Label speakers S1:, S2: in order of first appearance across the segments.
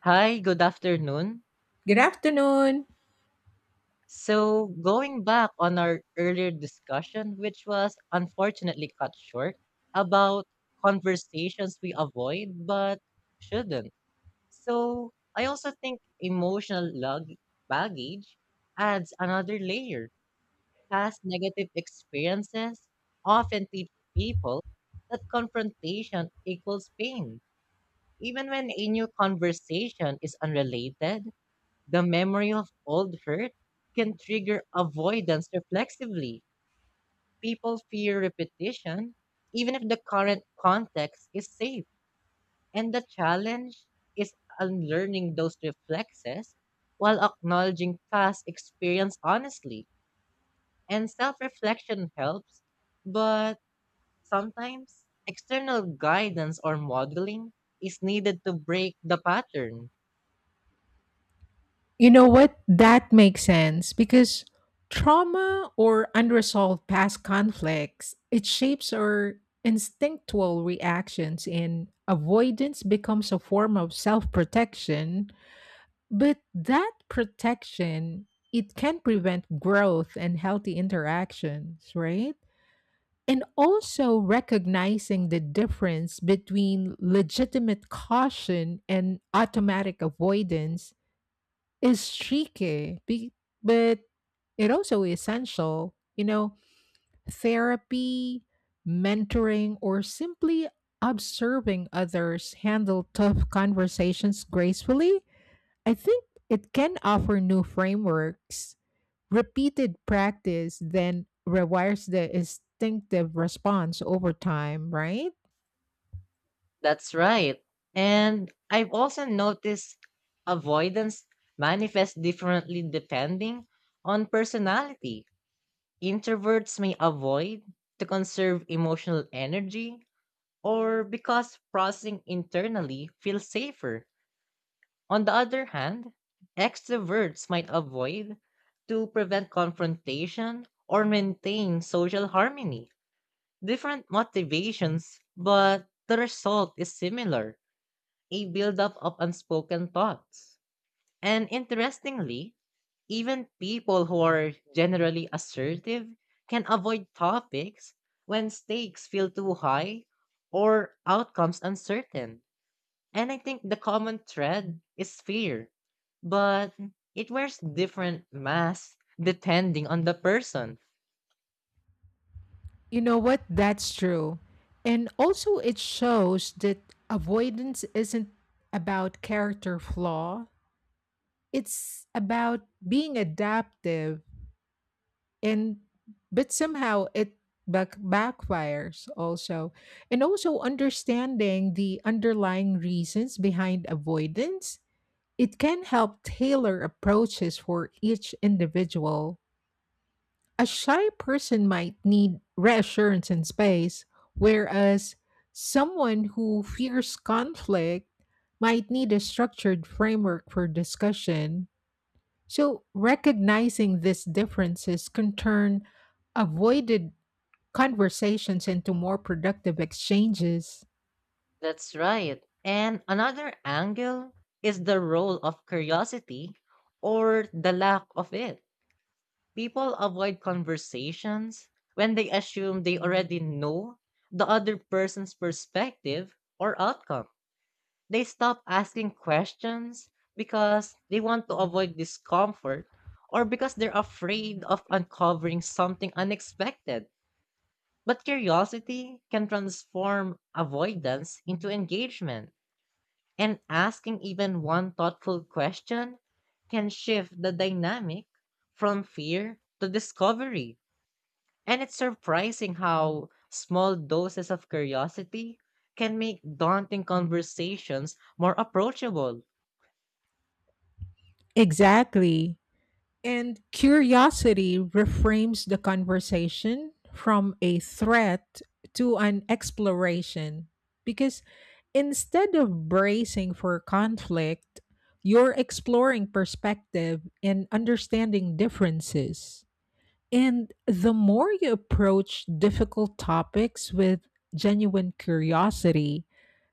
S1: Hi, good afternoon.
S2: Good afternoon.
S1: So, going back on our earlier discussion, which was unfortunately cut short, about conversations we avoid but shouldn't. So, I also think emotional baggage adds another layer. Past negative experiences often teach people that confrontation equals pain. Even when a new conversation is unrelated, the memory of old hurt can trigger avoidance reflexively. People fear repetition, even if the current context is safe. And the challenge is unlearning those reflexes while acknowledging past experience honestly. And self reflection helps, but sometimes external guidance or modeling is needed to break the pattern.
S2: You know what? That makes sense because trauma or unresolved past conflicts, it shapes our instinctual reactions and avoidance becomes a form of self-protection, but that protection it can prevent growth and healthy interactions, right? And also recognizing the difference between legitimate caution and automatic avoidance is tricky, but it also essential. You know, therapy, mentoring, or simply observing others handle tough conversations gracefully. I think it can offer new frameworks. Repeated practice then rewires the instinctive response over time, right?
S1: That's right. And I've also noticed avoidance manifests differently depending on personality. Introverts may avoid to conserve emotional energy or because processing internally feels safer. On the other hand, extroverts might avoid to prevent confrontation or maintain social harmony. Different motivations, but the result is similar, a buildup of unspoken thoughts. And interestingly, even people who are generally assertive can avoid topics when stakes feel too high or outcomes uncertain. And I think the common thread is fear, but it wears different masks depending on the person.
S2: You know what? That's true. And also, it shows that avoidance isn't about character flaw, it's about being adaptive. And but somehow it back, backfires also. And also, understanding the underlying reasons behind avoidance, it can help tailor approaches for each individual. A shy person might need reassurance and space, whereas someone who fears conflict might need a structured framework for discussion. So, recognizing these differences can turn avoided conversations into more productive exchanges.
S1: That's right. And another angle is the role of curiosity, or the lack of it. People avoid conversations when they assume they already know the other person's perspective or outcome. They stop asking questions because they want to avoid discomfort or because they're afraid of uncovering something unexpected. But curiosity can transform avoidance into engagement, and asking even one thoughtful question can shift the dynamic from fear to discovery. And it's surprising how small doses of curiosity can make daunting conversations more approachable.
S2: Exactly. And curiosity reframes the conversation from a threat to an exploration because instead of bracing for conflict, you're exploring perspective and understanding differences. And the more you approach difficult topics with genuine curiosity,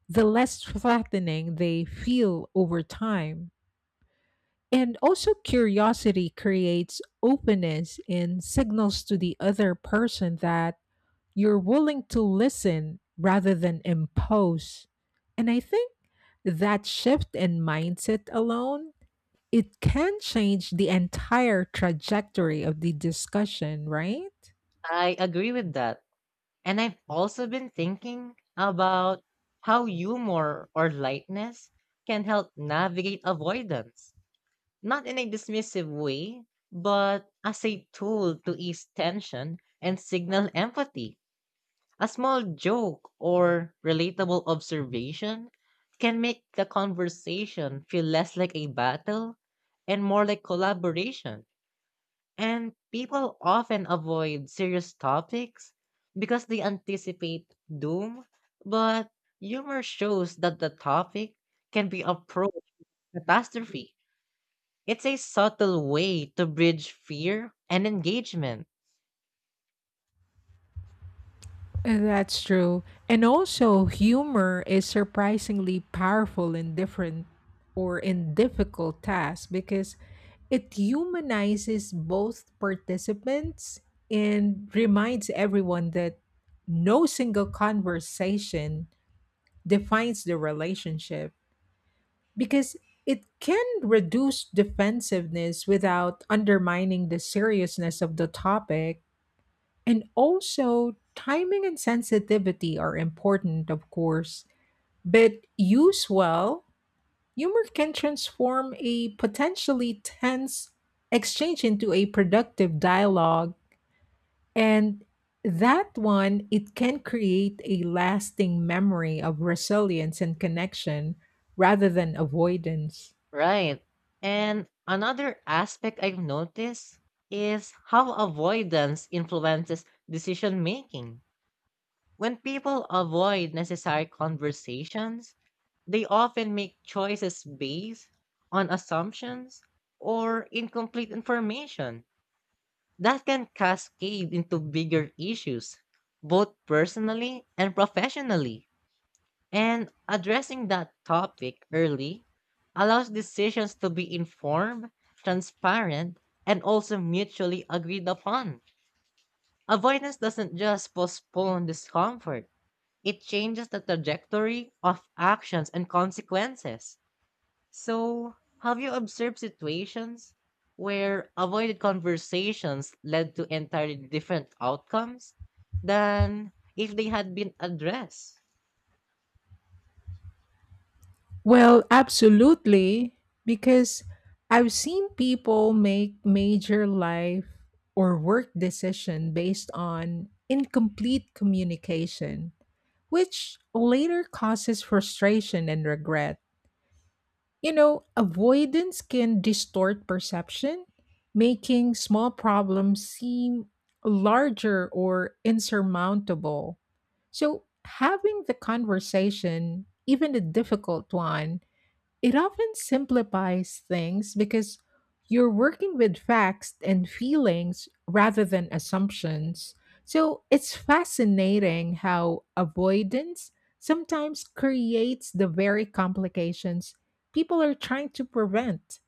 S2: the less threatening they feel over time. And also, curiosity creates openness and signals to the other person that you're willing to listen rather than impose. And I think that shift in mindset alone, it can change the entire trajectory of the discussion, right?
S1: I agree with that. And I've also been thinking about how humor or lightness can help navigate avoidance, not in a dismissive way, but as a tool to ease tension and signal empathy. A small joke or relatable observation can make the conversation feel less like a battle and more like collaboration. And people often avoid serious topics because they anticipate doom, but humor shows that the topic can be approached catastrophe. It's a subtle way to bridge fear and engagement.
S2: That's true. And also, humor is surprisingly powerful in different or in difficult tasks because it humanizes both participants and reminds everyone that no single conversation defines the relationship because it can reduce defensiveness without undermining the seriousness of the topic and also, timing and sensitivity are important, of course, but used well, humor can transform a potentially tense exchange into a productive dialogue. And that one, it can create a lasting memory of resilience and connection rather than avoidance.
S1: Right. And another aspect I've noticed is how avoidance influences decision making. When people avoid necessary conversations, they often make choices based on assumptions or incomplete information that can cascade into bigger issues, both personally and professionally. And addressing that topic early allows decisions to be informed, transparent, and also mutually agreed upon. Avoidance doesn't just postpone discomfort, it changes the trajectory of actions and consequences. So, have you observed situations where avoided conversations led to entirely different outcomes than if they had been addressed?
S2: Well, absolutely, because I've seen people make major life or work decision based on incomplete communication, which later causes frustration and regret. You know, avoidance can distort perception, making small problems seem larger or insurmountable. So, having the conversation, even a difficult one, it often simplifies things because you're working with facts and feelings rather than assumptions. So it's fascinating how avoidance sometimes creates the very complications people are trying to prevent.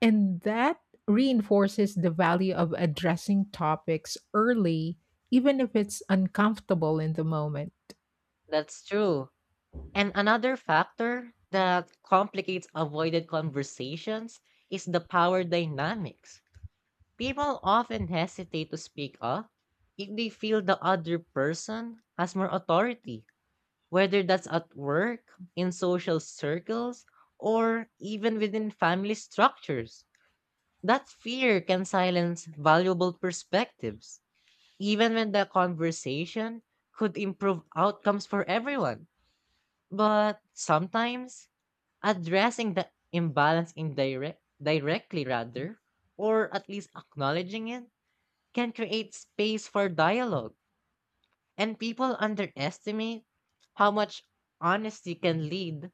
S2: And that reinforces the value of addressing topics early, even if it's uncomfortable in the moment.
S1: That's true. And another factor that complicates avoided conversations is the power dynamics. People often hesitate to speak up if they feel the other person has more authority, whether that's at work, in social circles, or even within family structures. That fear can silence valuable perspectives, even when the conversation could improve outcomes for everyone. But sometimes, addressing the imbalance indirect directly rather, or at least acknowledging it, can create space for dialogue. And people underestimate how much honesty can lead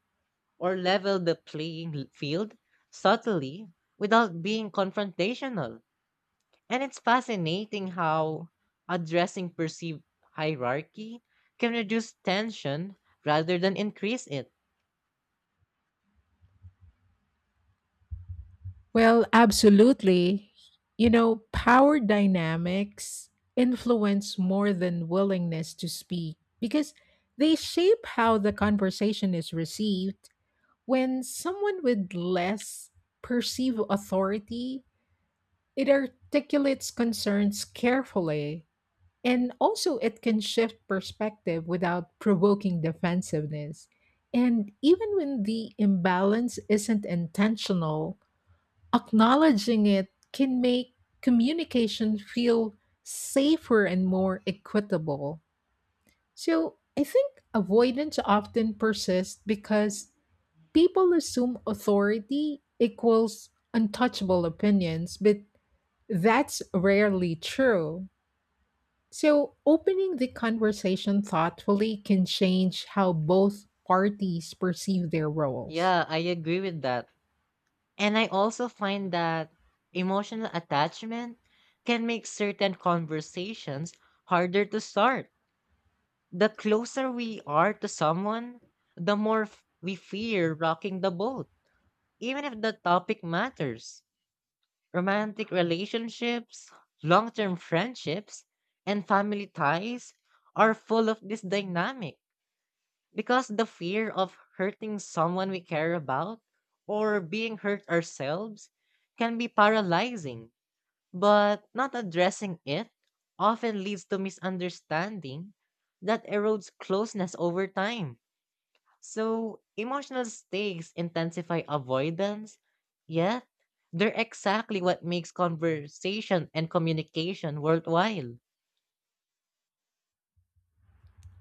S1: or level the playing field subtly, without being confrontational. And it's fascinating how addressing perceived hierarchy can reduce tension rather than increase it.
S2: Well, absolutely. You know, power dynamics influence more than willingness to speak because they shape how the conversation is received. When someone with less perceived authority, it articulates concerns carefully. And also, it can shift perspective without provoking defensiveness. And even when the imbalance isn't intentional, acknowledging it can make communication feel safer and more equitable. So I think avoidance often persists because people assume authority equals untouchable opinions, but that's rarely true. So opening the conversation thoughtfully can change how both parties perceive their roles.
S1: Yeah, I agree with that. And I also find that emotional attachment can make certain conversations harder to start. The closer we are to someone, the more we fear rocking the boat, even if the topic matters. Romantic relationships, long term friendships, and family ties are full of this dynamic because the fear of hurting someone we care about or being hurt ourselves can be paralyzing, but not addressing it often leads to misunderstanding that erodes closeness over time. So emotional stakes intensify avoidance, yet they're exactly what makes conversation and communication worthwhile.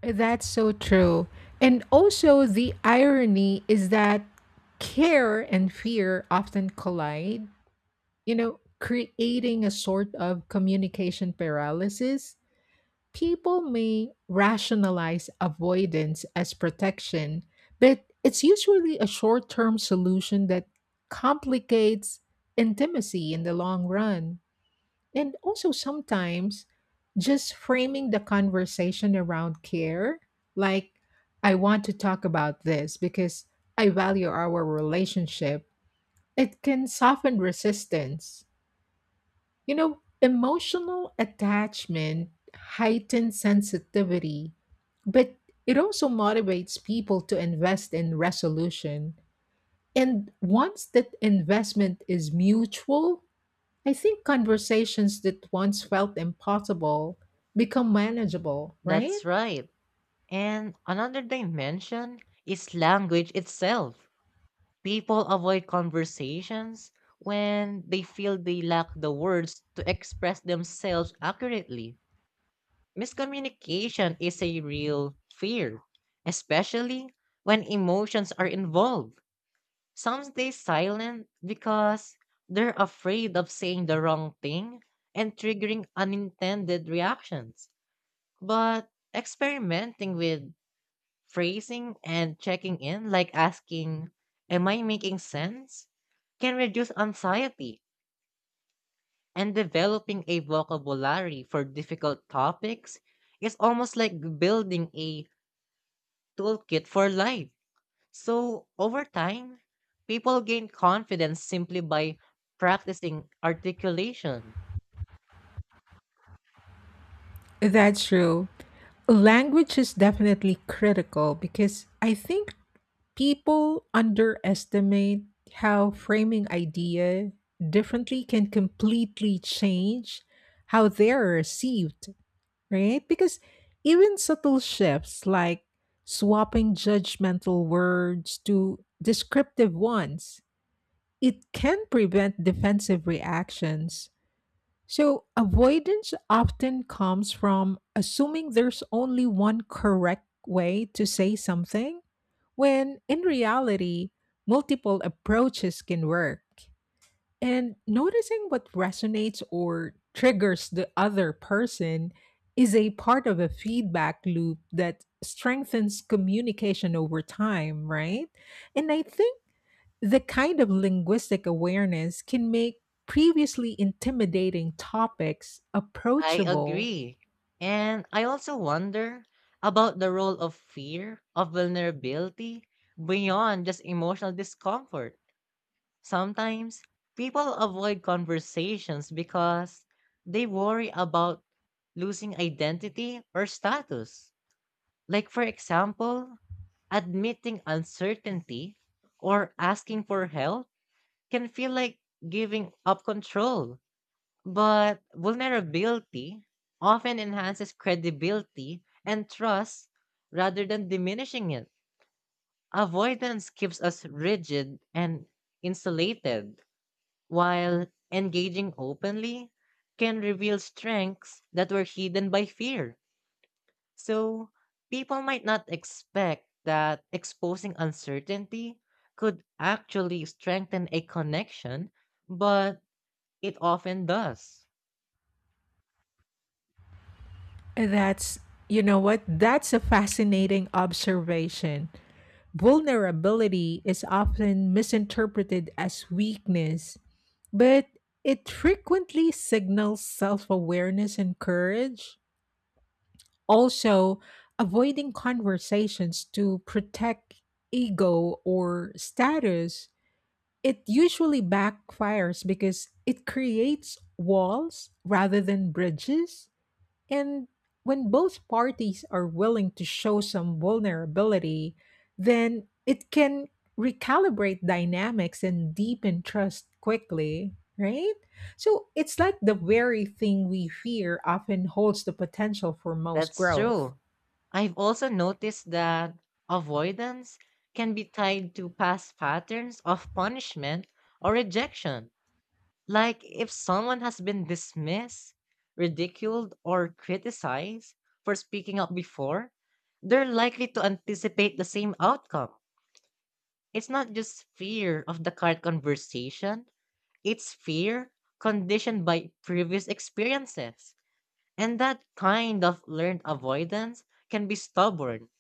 S2: That's so true. And also, the irony is that care and fear often collide, you know, creating a sort of communication paralysis. People may rationalize avoidance as protection, but it's usually a short term solution that complicates intimacy in the long run. And also sometimes just framing the conversation around care, like, I want to talk about this because I value our relationship, it can soften resistance. You know, emotional attachment heightens sensitivity, but it also motivates people to invest in resolution. And once that investment is mutual, I think conversations that once felt impossible become manageable, right?
S1: That's right. And another dimension is language itself. People avoid conversations when they feel they lack the words to express themselves accurately. Miscommunication is a real fear, especially when emotions are involved. Some stay silent because they're afraid of saying the wrong thing and triggering unintended reactions. But experimenting with phrasing and checking in, like asking, "Am I making sense?" can reduce anxiety, and developing a vocabulary for difficult topics is almost like building a toolkit for life. So, over time, people gain confidence simply by practicing articulation.
S2: That's true. Language is definitely critical because I think people underestimate how framing idea differently can completely change how they're received, right? Because even subtle shifts like swapping judgmental words to descriptive ones, it can prevent defensive reactions. So, avoidance often comes from assuming there's only one correct way to say something, when in reality, multiple approaches can work. And noticing what resonates or triggers the other person is a part of a feedback loop that strengthens communication over time, right? And I think the kind of linguistic awareness can make previously intimidating topics
S1: I
S2: approachable.
S1: agree. And I also wonder about the role of fear, of vulnerability, beyond just emotional discomfort. Sometimes people avoid conversations because they worry about losing identity or status. Like, for example, admitting uncertainty or asking for help can feel like giving up control. But vulnerability often enhances credibility and trust rather than diminishing it. Avoidance keeps us rigid and insulated, while engaging openly can reveal strengths that were hidden by fear. So, people might not expect that exposing uncertainty could actually strengthen a connection, but it often does.
S2: That's, you know what, that's a fascinating observation. Vulnerability is often misinterpreted as weakness, but it frequently signals self awareness and courage. Also, avoiding conversations to protect ego or status, it usually backfires because it creates walls rather than bridges. And when both parties are willing to show some vulnerability, then it can recalibrate dynamics and deepen trust quickly, right? So it's like the very thing we fear often holds the potential for most
S1: That's
S2: growth.
S1: true. I've also noticed that avoidance can be tied to past patterns of punishment or rejection. Like if someone has been dismissed, ridiculed, or criticized for speaking up before, they're likely to anticipate the same outcome. It's not just fear of the current conversation, it's fear conditioned by previous experiences. And that kind of learned avoidance can be stubborn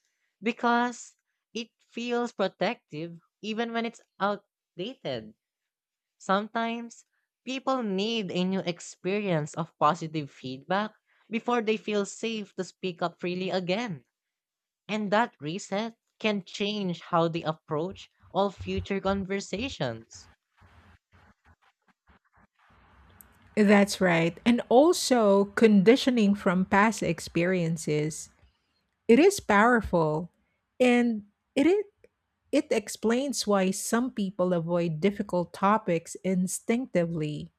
S1: because it feels protective even when it's outdated. Sometimes people need a new experience of positive feedback before they feel safe to speak up freely again. And that reset can change how they approach all future conversations.
S2: That's right. And also conditioning from past experiences. It is powerful, and it, it it explains why some people avoid difficult topics instinctively,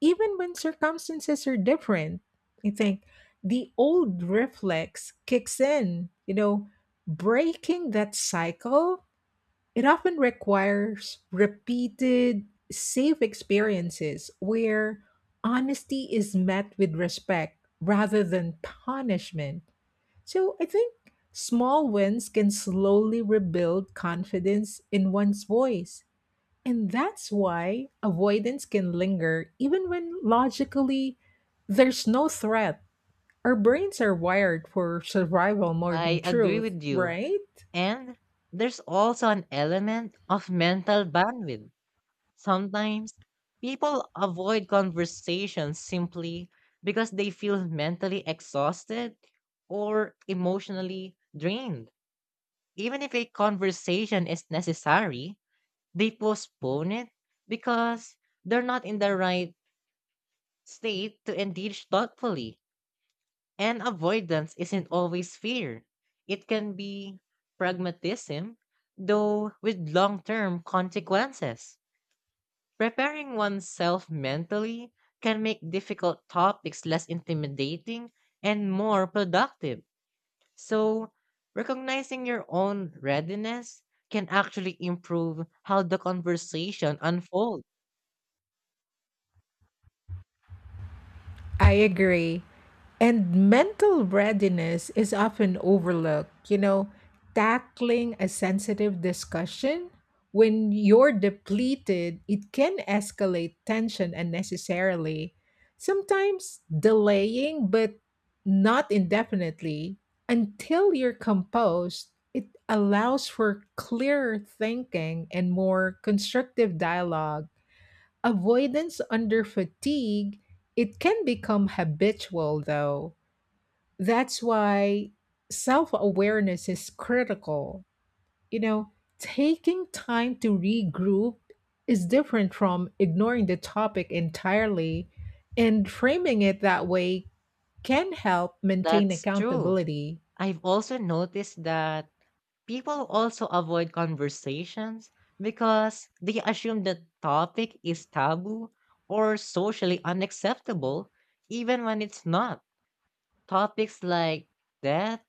S2: even when circumstances are different. I think the old reflex kicks in, you know, breaking that cycle. It often requires repeated, safe experiences where honesty is met with respect rather than punishment. So I think small wins can slowly rebuild confidence in one's voice. And that's why avoidance can linger even when logically there's no threat. Our brains are wired for survival more
S1: I
S2: than
S1: agree
S2: truth,
S1: with you.
S2: right?
S1: And there's also an element of mental bandwidth. Sometimes people avoid conversations simply because they feel mentally exhausted or emotionally drained. Even if a conversation is necessary, they postpone it because they're not in the right state to engage thoughtfully. And avoidance isn't always fear, it can be pragmatism, though with long term consequences. Preparing oneself mentally can make difficult topics less intimidating and more productive. So, recognizing your own readiness can actually improve how the conversation unfolds.
S2: I agree. And mental readiness is often overlooked. You know, tackling a sensitive discussion when you're depleted, it can escalate tension unnecessarily. Sometimes delaying, but not indefinitely, until you're composed, it allows for clearer thinking and more constructive dialogue. Avoidance under fatigue, it can become habitual though. That's why self awareness is critical. You know, taking time to regroup is different from ignoring the topic entirely, and framing it that way can help maintain
S1: That's true.
S2: accountability.
S1: I've also noticed that people also avoid conversations because they assume the topic is taboo or socially unacceptable, even when it's not. Topics like death,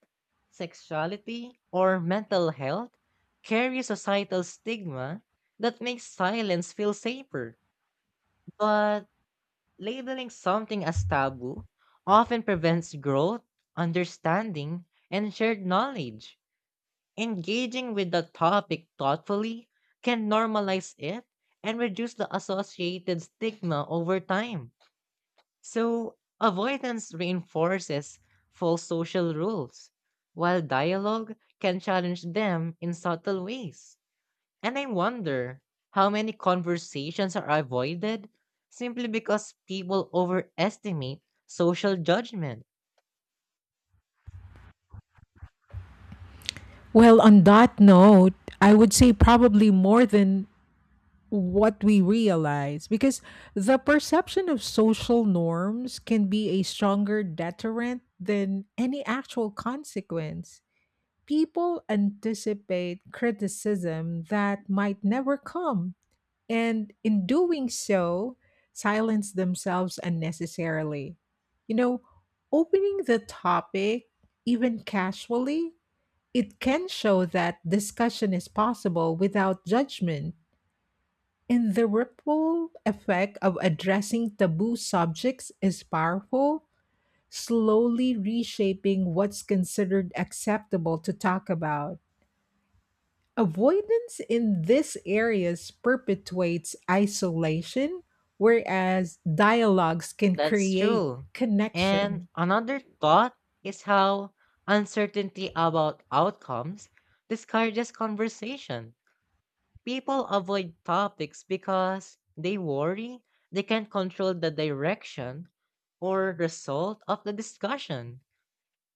S1: sexuality, or mental health carry societal stigma that makes silence feel safer. But labeling something as taboo often prevents growth, understanding, and shared knowledge. Engaging with the topic thoughtfully can normalize it and reduce the associated stigma over time. So, avoidance reinforces false social rules, while dialogue can challenge them in subtle ways. And I wonder how many conversations are avoided simply because people overestimate social judgment.
S2: Well, on that note, I would say probably more than what we realize because the perception of social norms can be a stronger deterrent than any actual consequence. People anticipate criticism that might never come, and in doing so, silence themselves unnecessarily. You know, opening the topic, even casually, it can show that discussion is possible without judgment, and the ripple effect of addressing taboo subjects is powerful, slowly reshaping what's considered acceptable to talk about. Avoidance in these areas perpetuates isolation, whereas dialogues can
S1: That's
S2: create
S1: true. And
S2: connection.
S1: another thought is how uncertainty about outcomes discourages conversation. People avoid topics because they worry they can't control the direction or result of the discussion.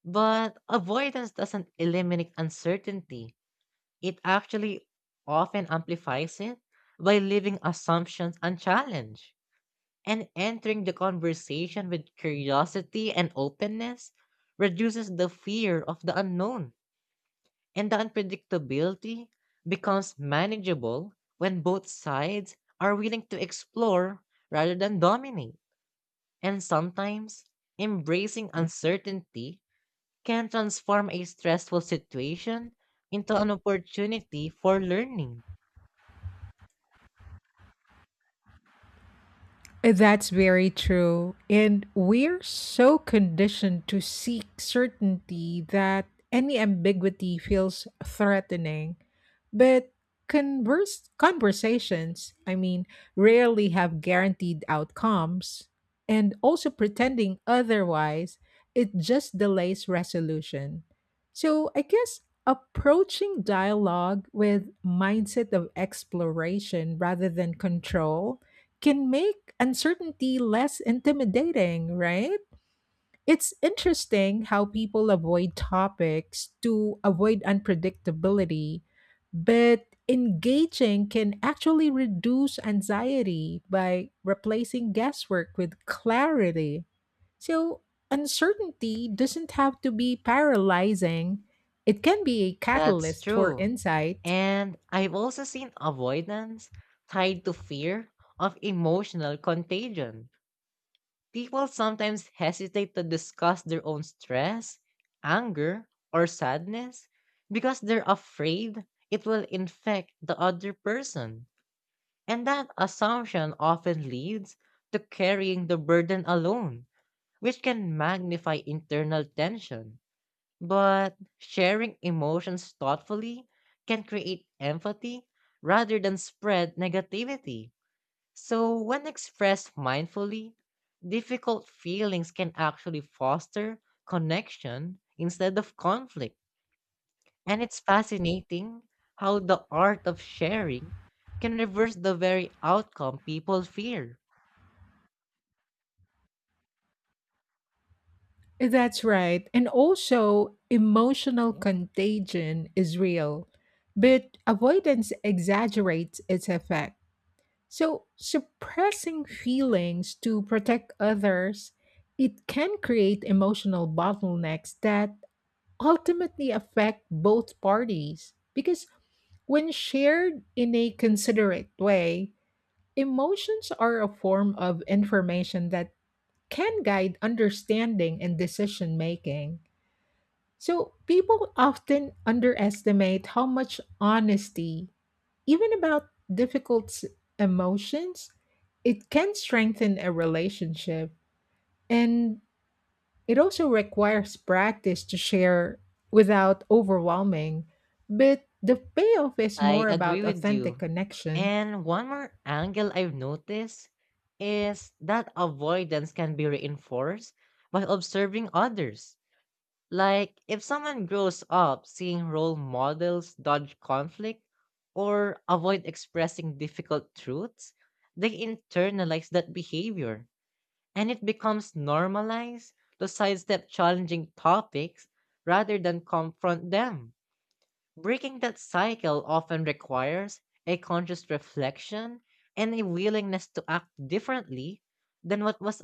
S1: But avoidance doesn't eliminate uncertainty, it actually often amplifies it by leaving assumptions unchallenged. And entering the conversation with curiosity and openness reduces the fear of the unknown. And the unpredictability becomes manageable when both sides are willing to explore rather than dominate. And sometimes, embracing uncertainty can transform a stressful situation into an opportunity for learning.
S2: That's very true. And we're so conditioned to seek certainty that any ambiguity feels threatening. But converse conversations, I mean, rarely have guaranteed outcomes. And also pretending otherwise, it just delays resolution. So I guess approaching dialogue with mindset of exploration rather than control can make uncertainty less intimidating, right? It's interesting how people avoid topics to avoid unpredictability, but engaging can actually reduce anxiety by replacing guesswork with clarity. So, uncertainty doesn't have to be paralyzing, it can be a
S1: That's
S2: catalyst for
S1: true.
S2: insight.
S1: And I've also seen avoidance tied to fear of emotional contagion. People sometimes hesitate to discuss their own stress, anger, or sadness because they're afraid it will infect the other person. And that assumption often leads to carrying the burden alone, which can magnify internal tension. But sharing emotions thoughtfully can create empathy rather than spread negativity. So, when expressed mindfully, difficult feelings can actually foster connection instead of conflict. And it's fascinating how the art of sharing can reverse the very outcome people fear.
S2: That's right. And also, emotional contagion is real, but avoidance exaggerates its effect. So, suppressing feelings to protect others, it can create emotional bottlenecks that ultimately affect both parties because when shared in a considerate way, emotions are a form of information that can guide understanding and decision making. So, people often underestimate how much honesty, even about emotions, it can strengthen a relationship. And it also requires practice to share without overwhelming. But the payoff is
S1: I
S2: more
S1: agree
S2: about
S1: with
S2: authentic
S1: you.
S2: connection.
S1: And one more angle I've noticed is that avoidance can be reinforced by observing others. Like, if someone grows up seeing role models dodge conflict or avoid expressing difficult truths, they internalize that behavior and it becomes normalized to sidestep challenging topics rather than confront them. Breaking that cycle often requires a conscious reflection and a willingness to act differently than what was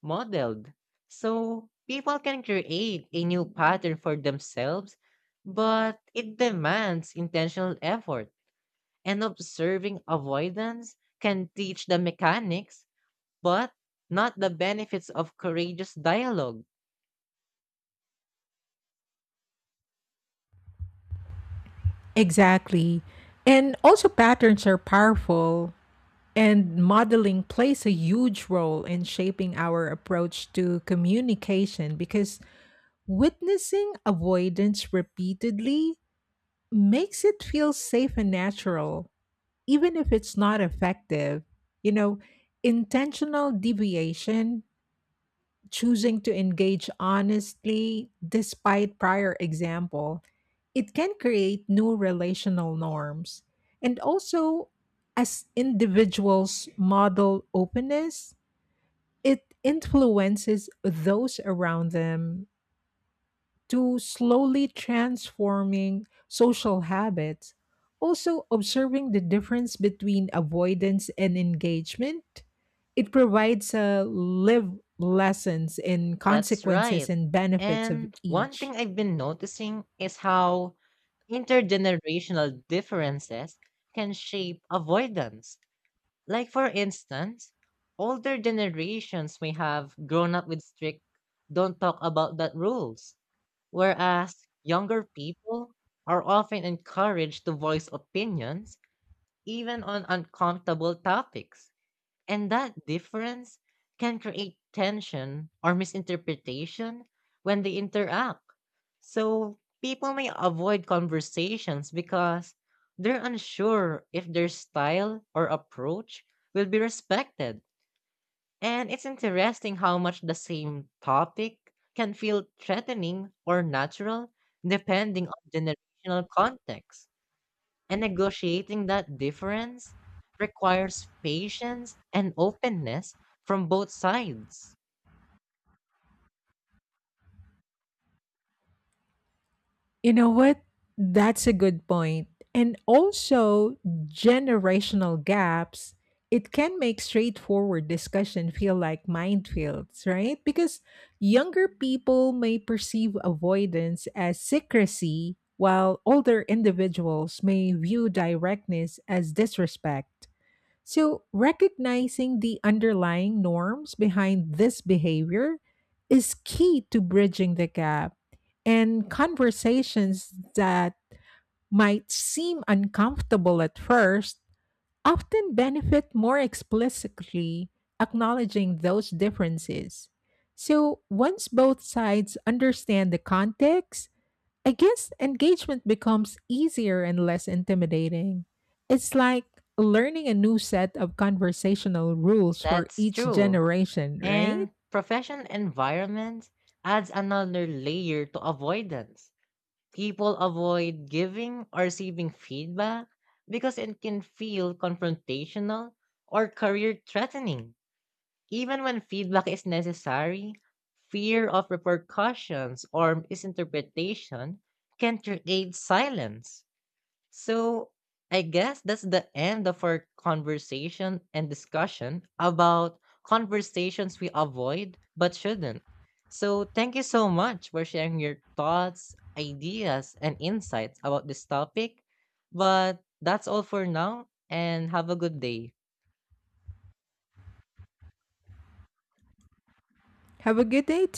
S1: modeled. So people can create a new pattern for themselves, but it demands intentional effort. And observing avoidance can teach the mechanics, but not the benefits of courageous dialogue.
S2: Exactly. And also, patterns are powerful, and modeling plays a huge role in shaping our approach to communication because witnessing avoidance repeatedly makes it feel safe and natural, even if it's not effective. You know, intentional deviation, choosing to engage honestly despite prior example, it can create new relational norms. And also, as individuals model openness, it influences those around them to slowly transforming social habits, also observing the difference between avoidance and engagement. It provides a live lessons in
S1: That's
S2: consequences
S1: right.
S2: and benefits of
S1: And one thing
S2: each.
S1: I've been noticing is how intergenerational differences can shape avoidance. Like for instance, older generations may have grown up with strict "don't talk about that" rules, whereas younger people are often encouraged to voice opinions even on uncomfortable topics. And that difference can create tension or misinterpretation when they interact. So people may avoid conversations because they're unsure if their style or approach will be respected. And it's interesting how much the same topic can feel threatening or natural depending on generational context. And negotiating that difference requires patience and openness from both sides.
S2: You know what? That's a good point. And also, generational gaps, it can make straightforward discussion feel like minefields, right? Because younger people may perceive avoidance as secrecy, while older individuals may view directness as disrespect. So, recognizing the underlying norms behind this behavior is key to bridging the gap. And conversations that might seem uncomfortable at first often benefit more explicitly acknowledging those differences. So, once both sides understand the context, I guess engagement becomes easier and less intimidating. It's like learning a new set of conversational rules for
S1: That's
S2: each
S1: true.
S2: generation, right?
S1: And professional environment adds another layer to avoidance. People avoid giving or receiving feedback because it can feel confrontational or career threatening. Even when feedback is necessary, fear of repercussions or misinterpretation can create silence. So, I guess that's the end of our conversation and discussion about conversations we avoid but shouldn't. So, thank you so much for sharing your thoughts, ideas, and insights about this topic. But that's all for now, and have a good day.
S2: Have a good day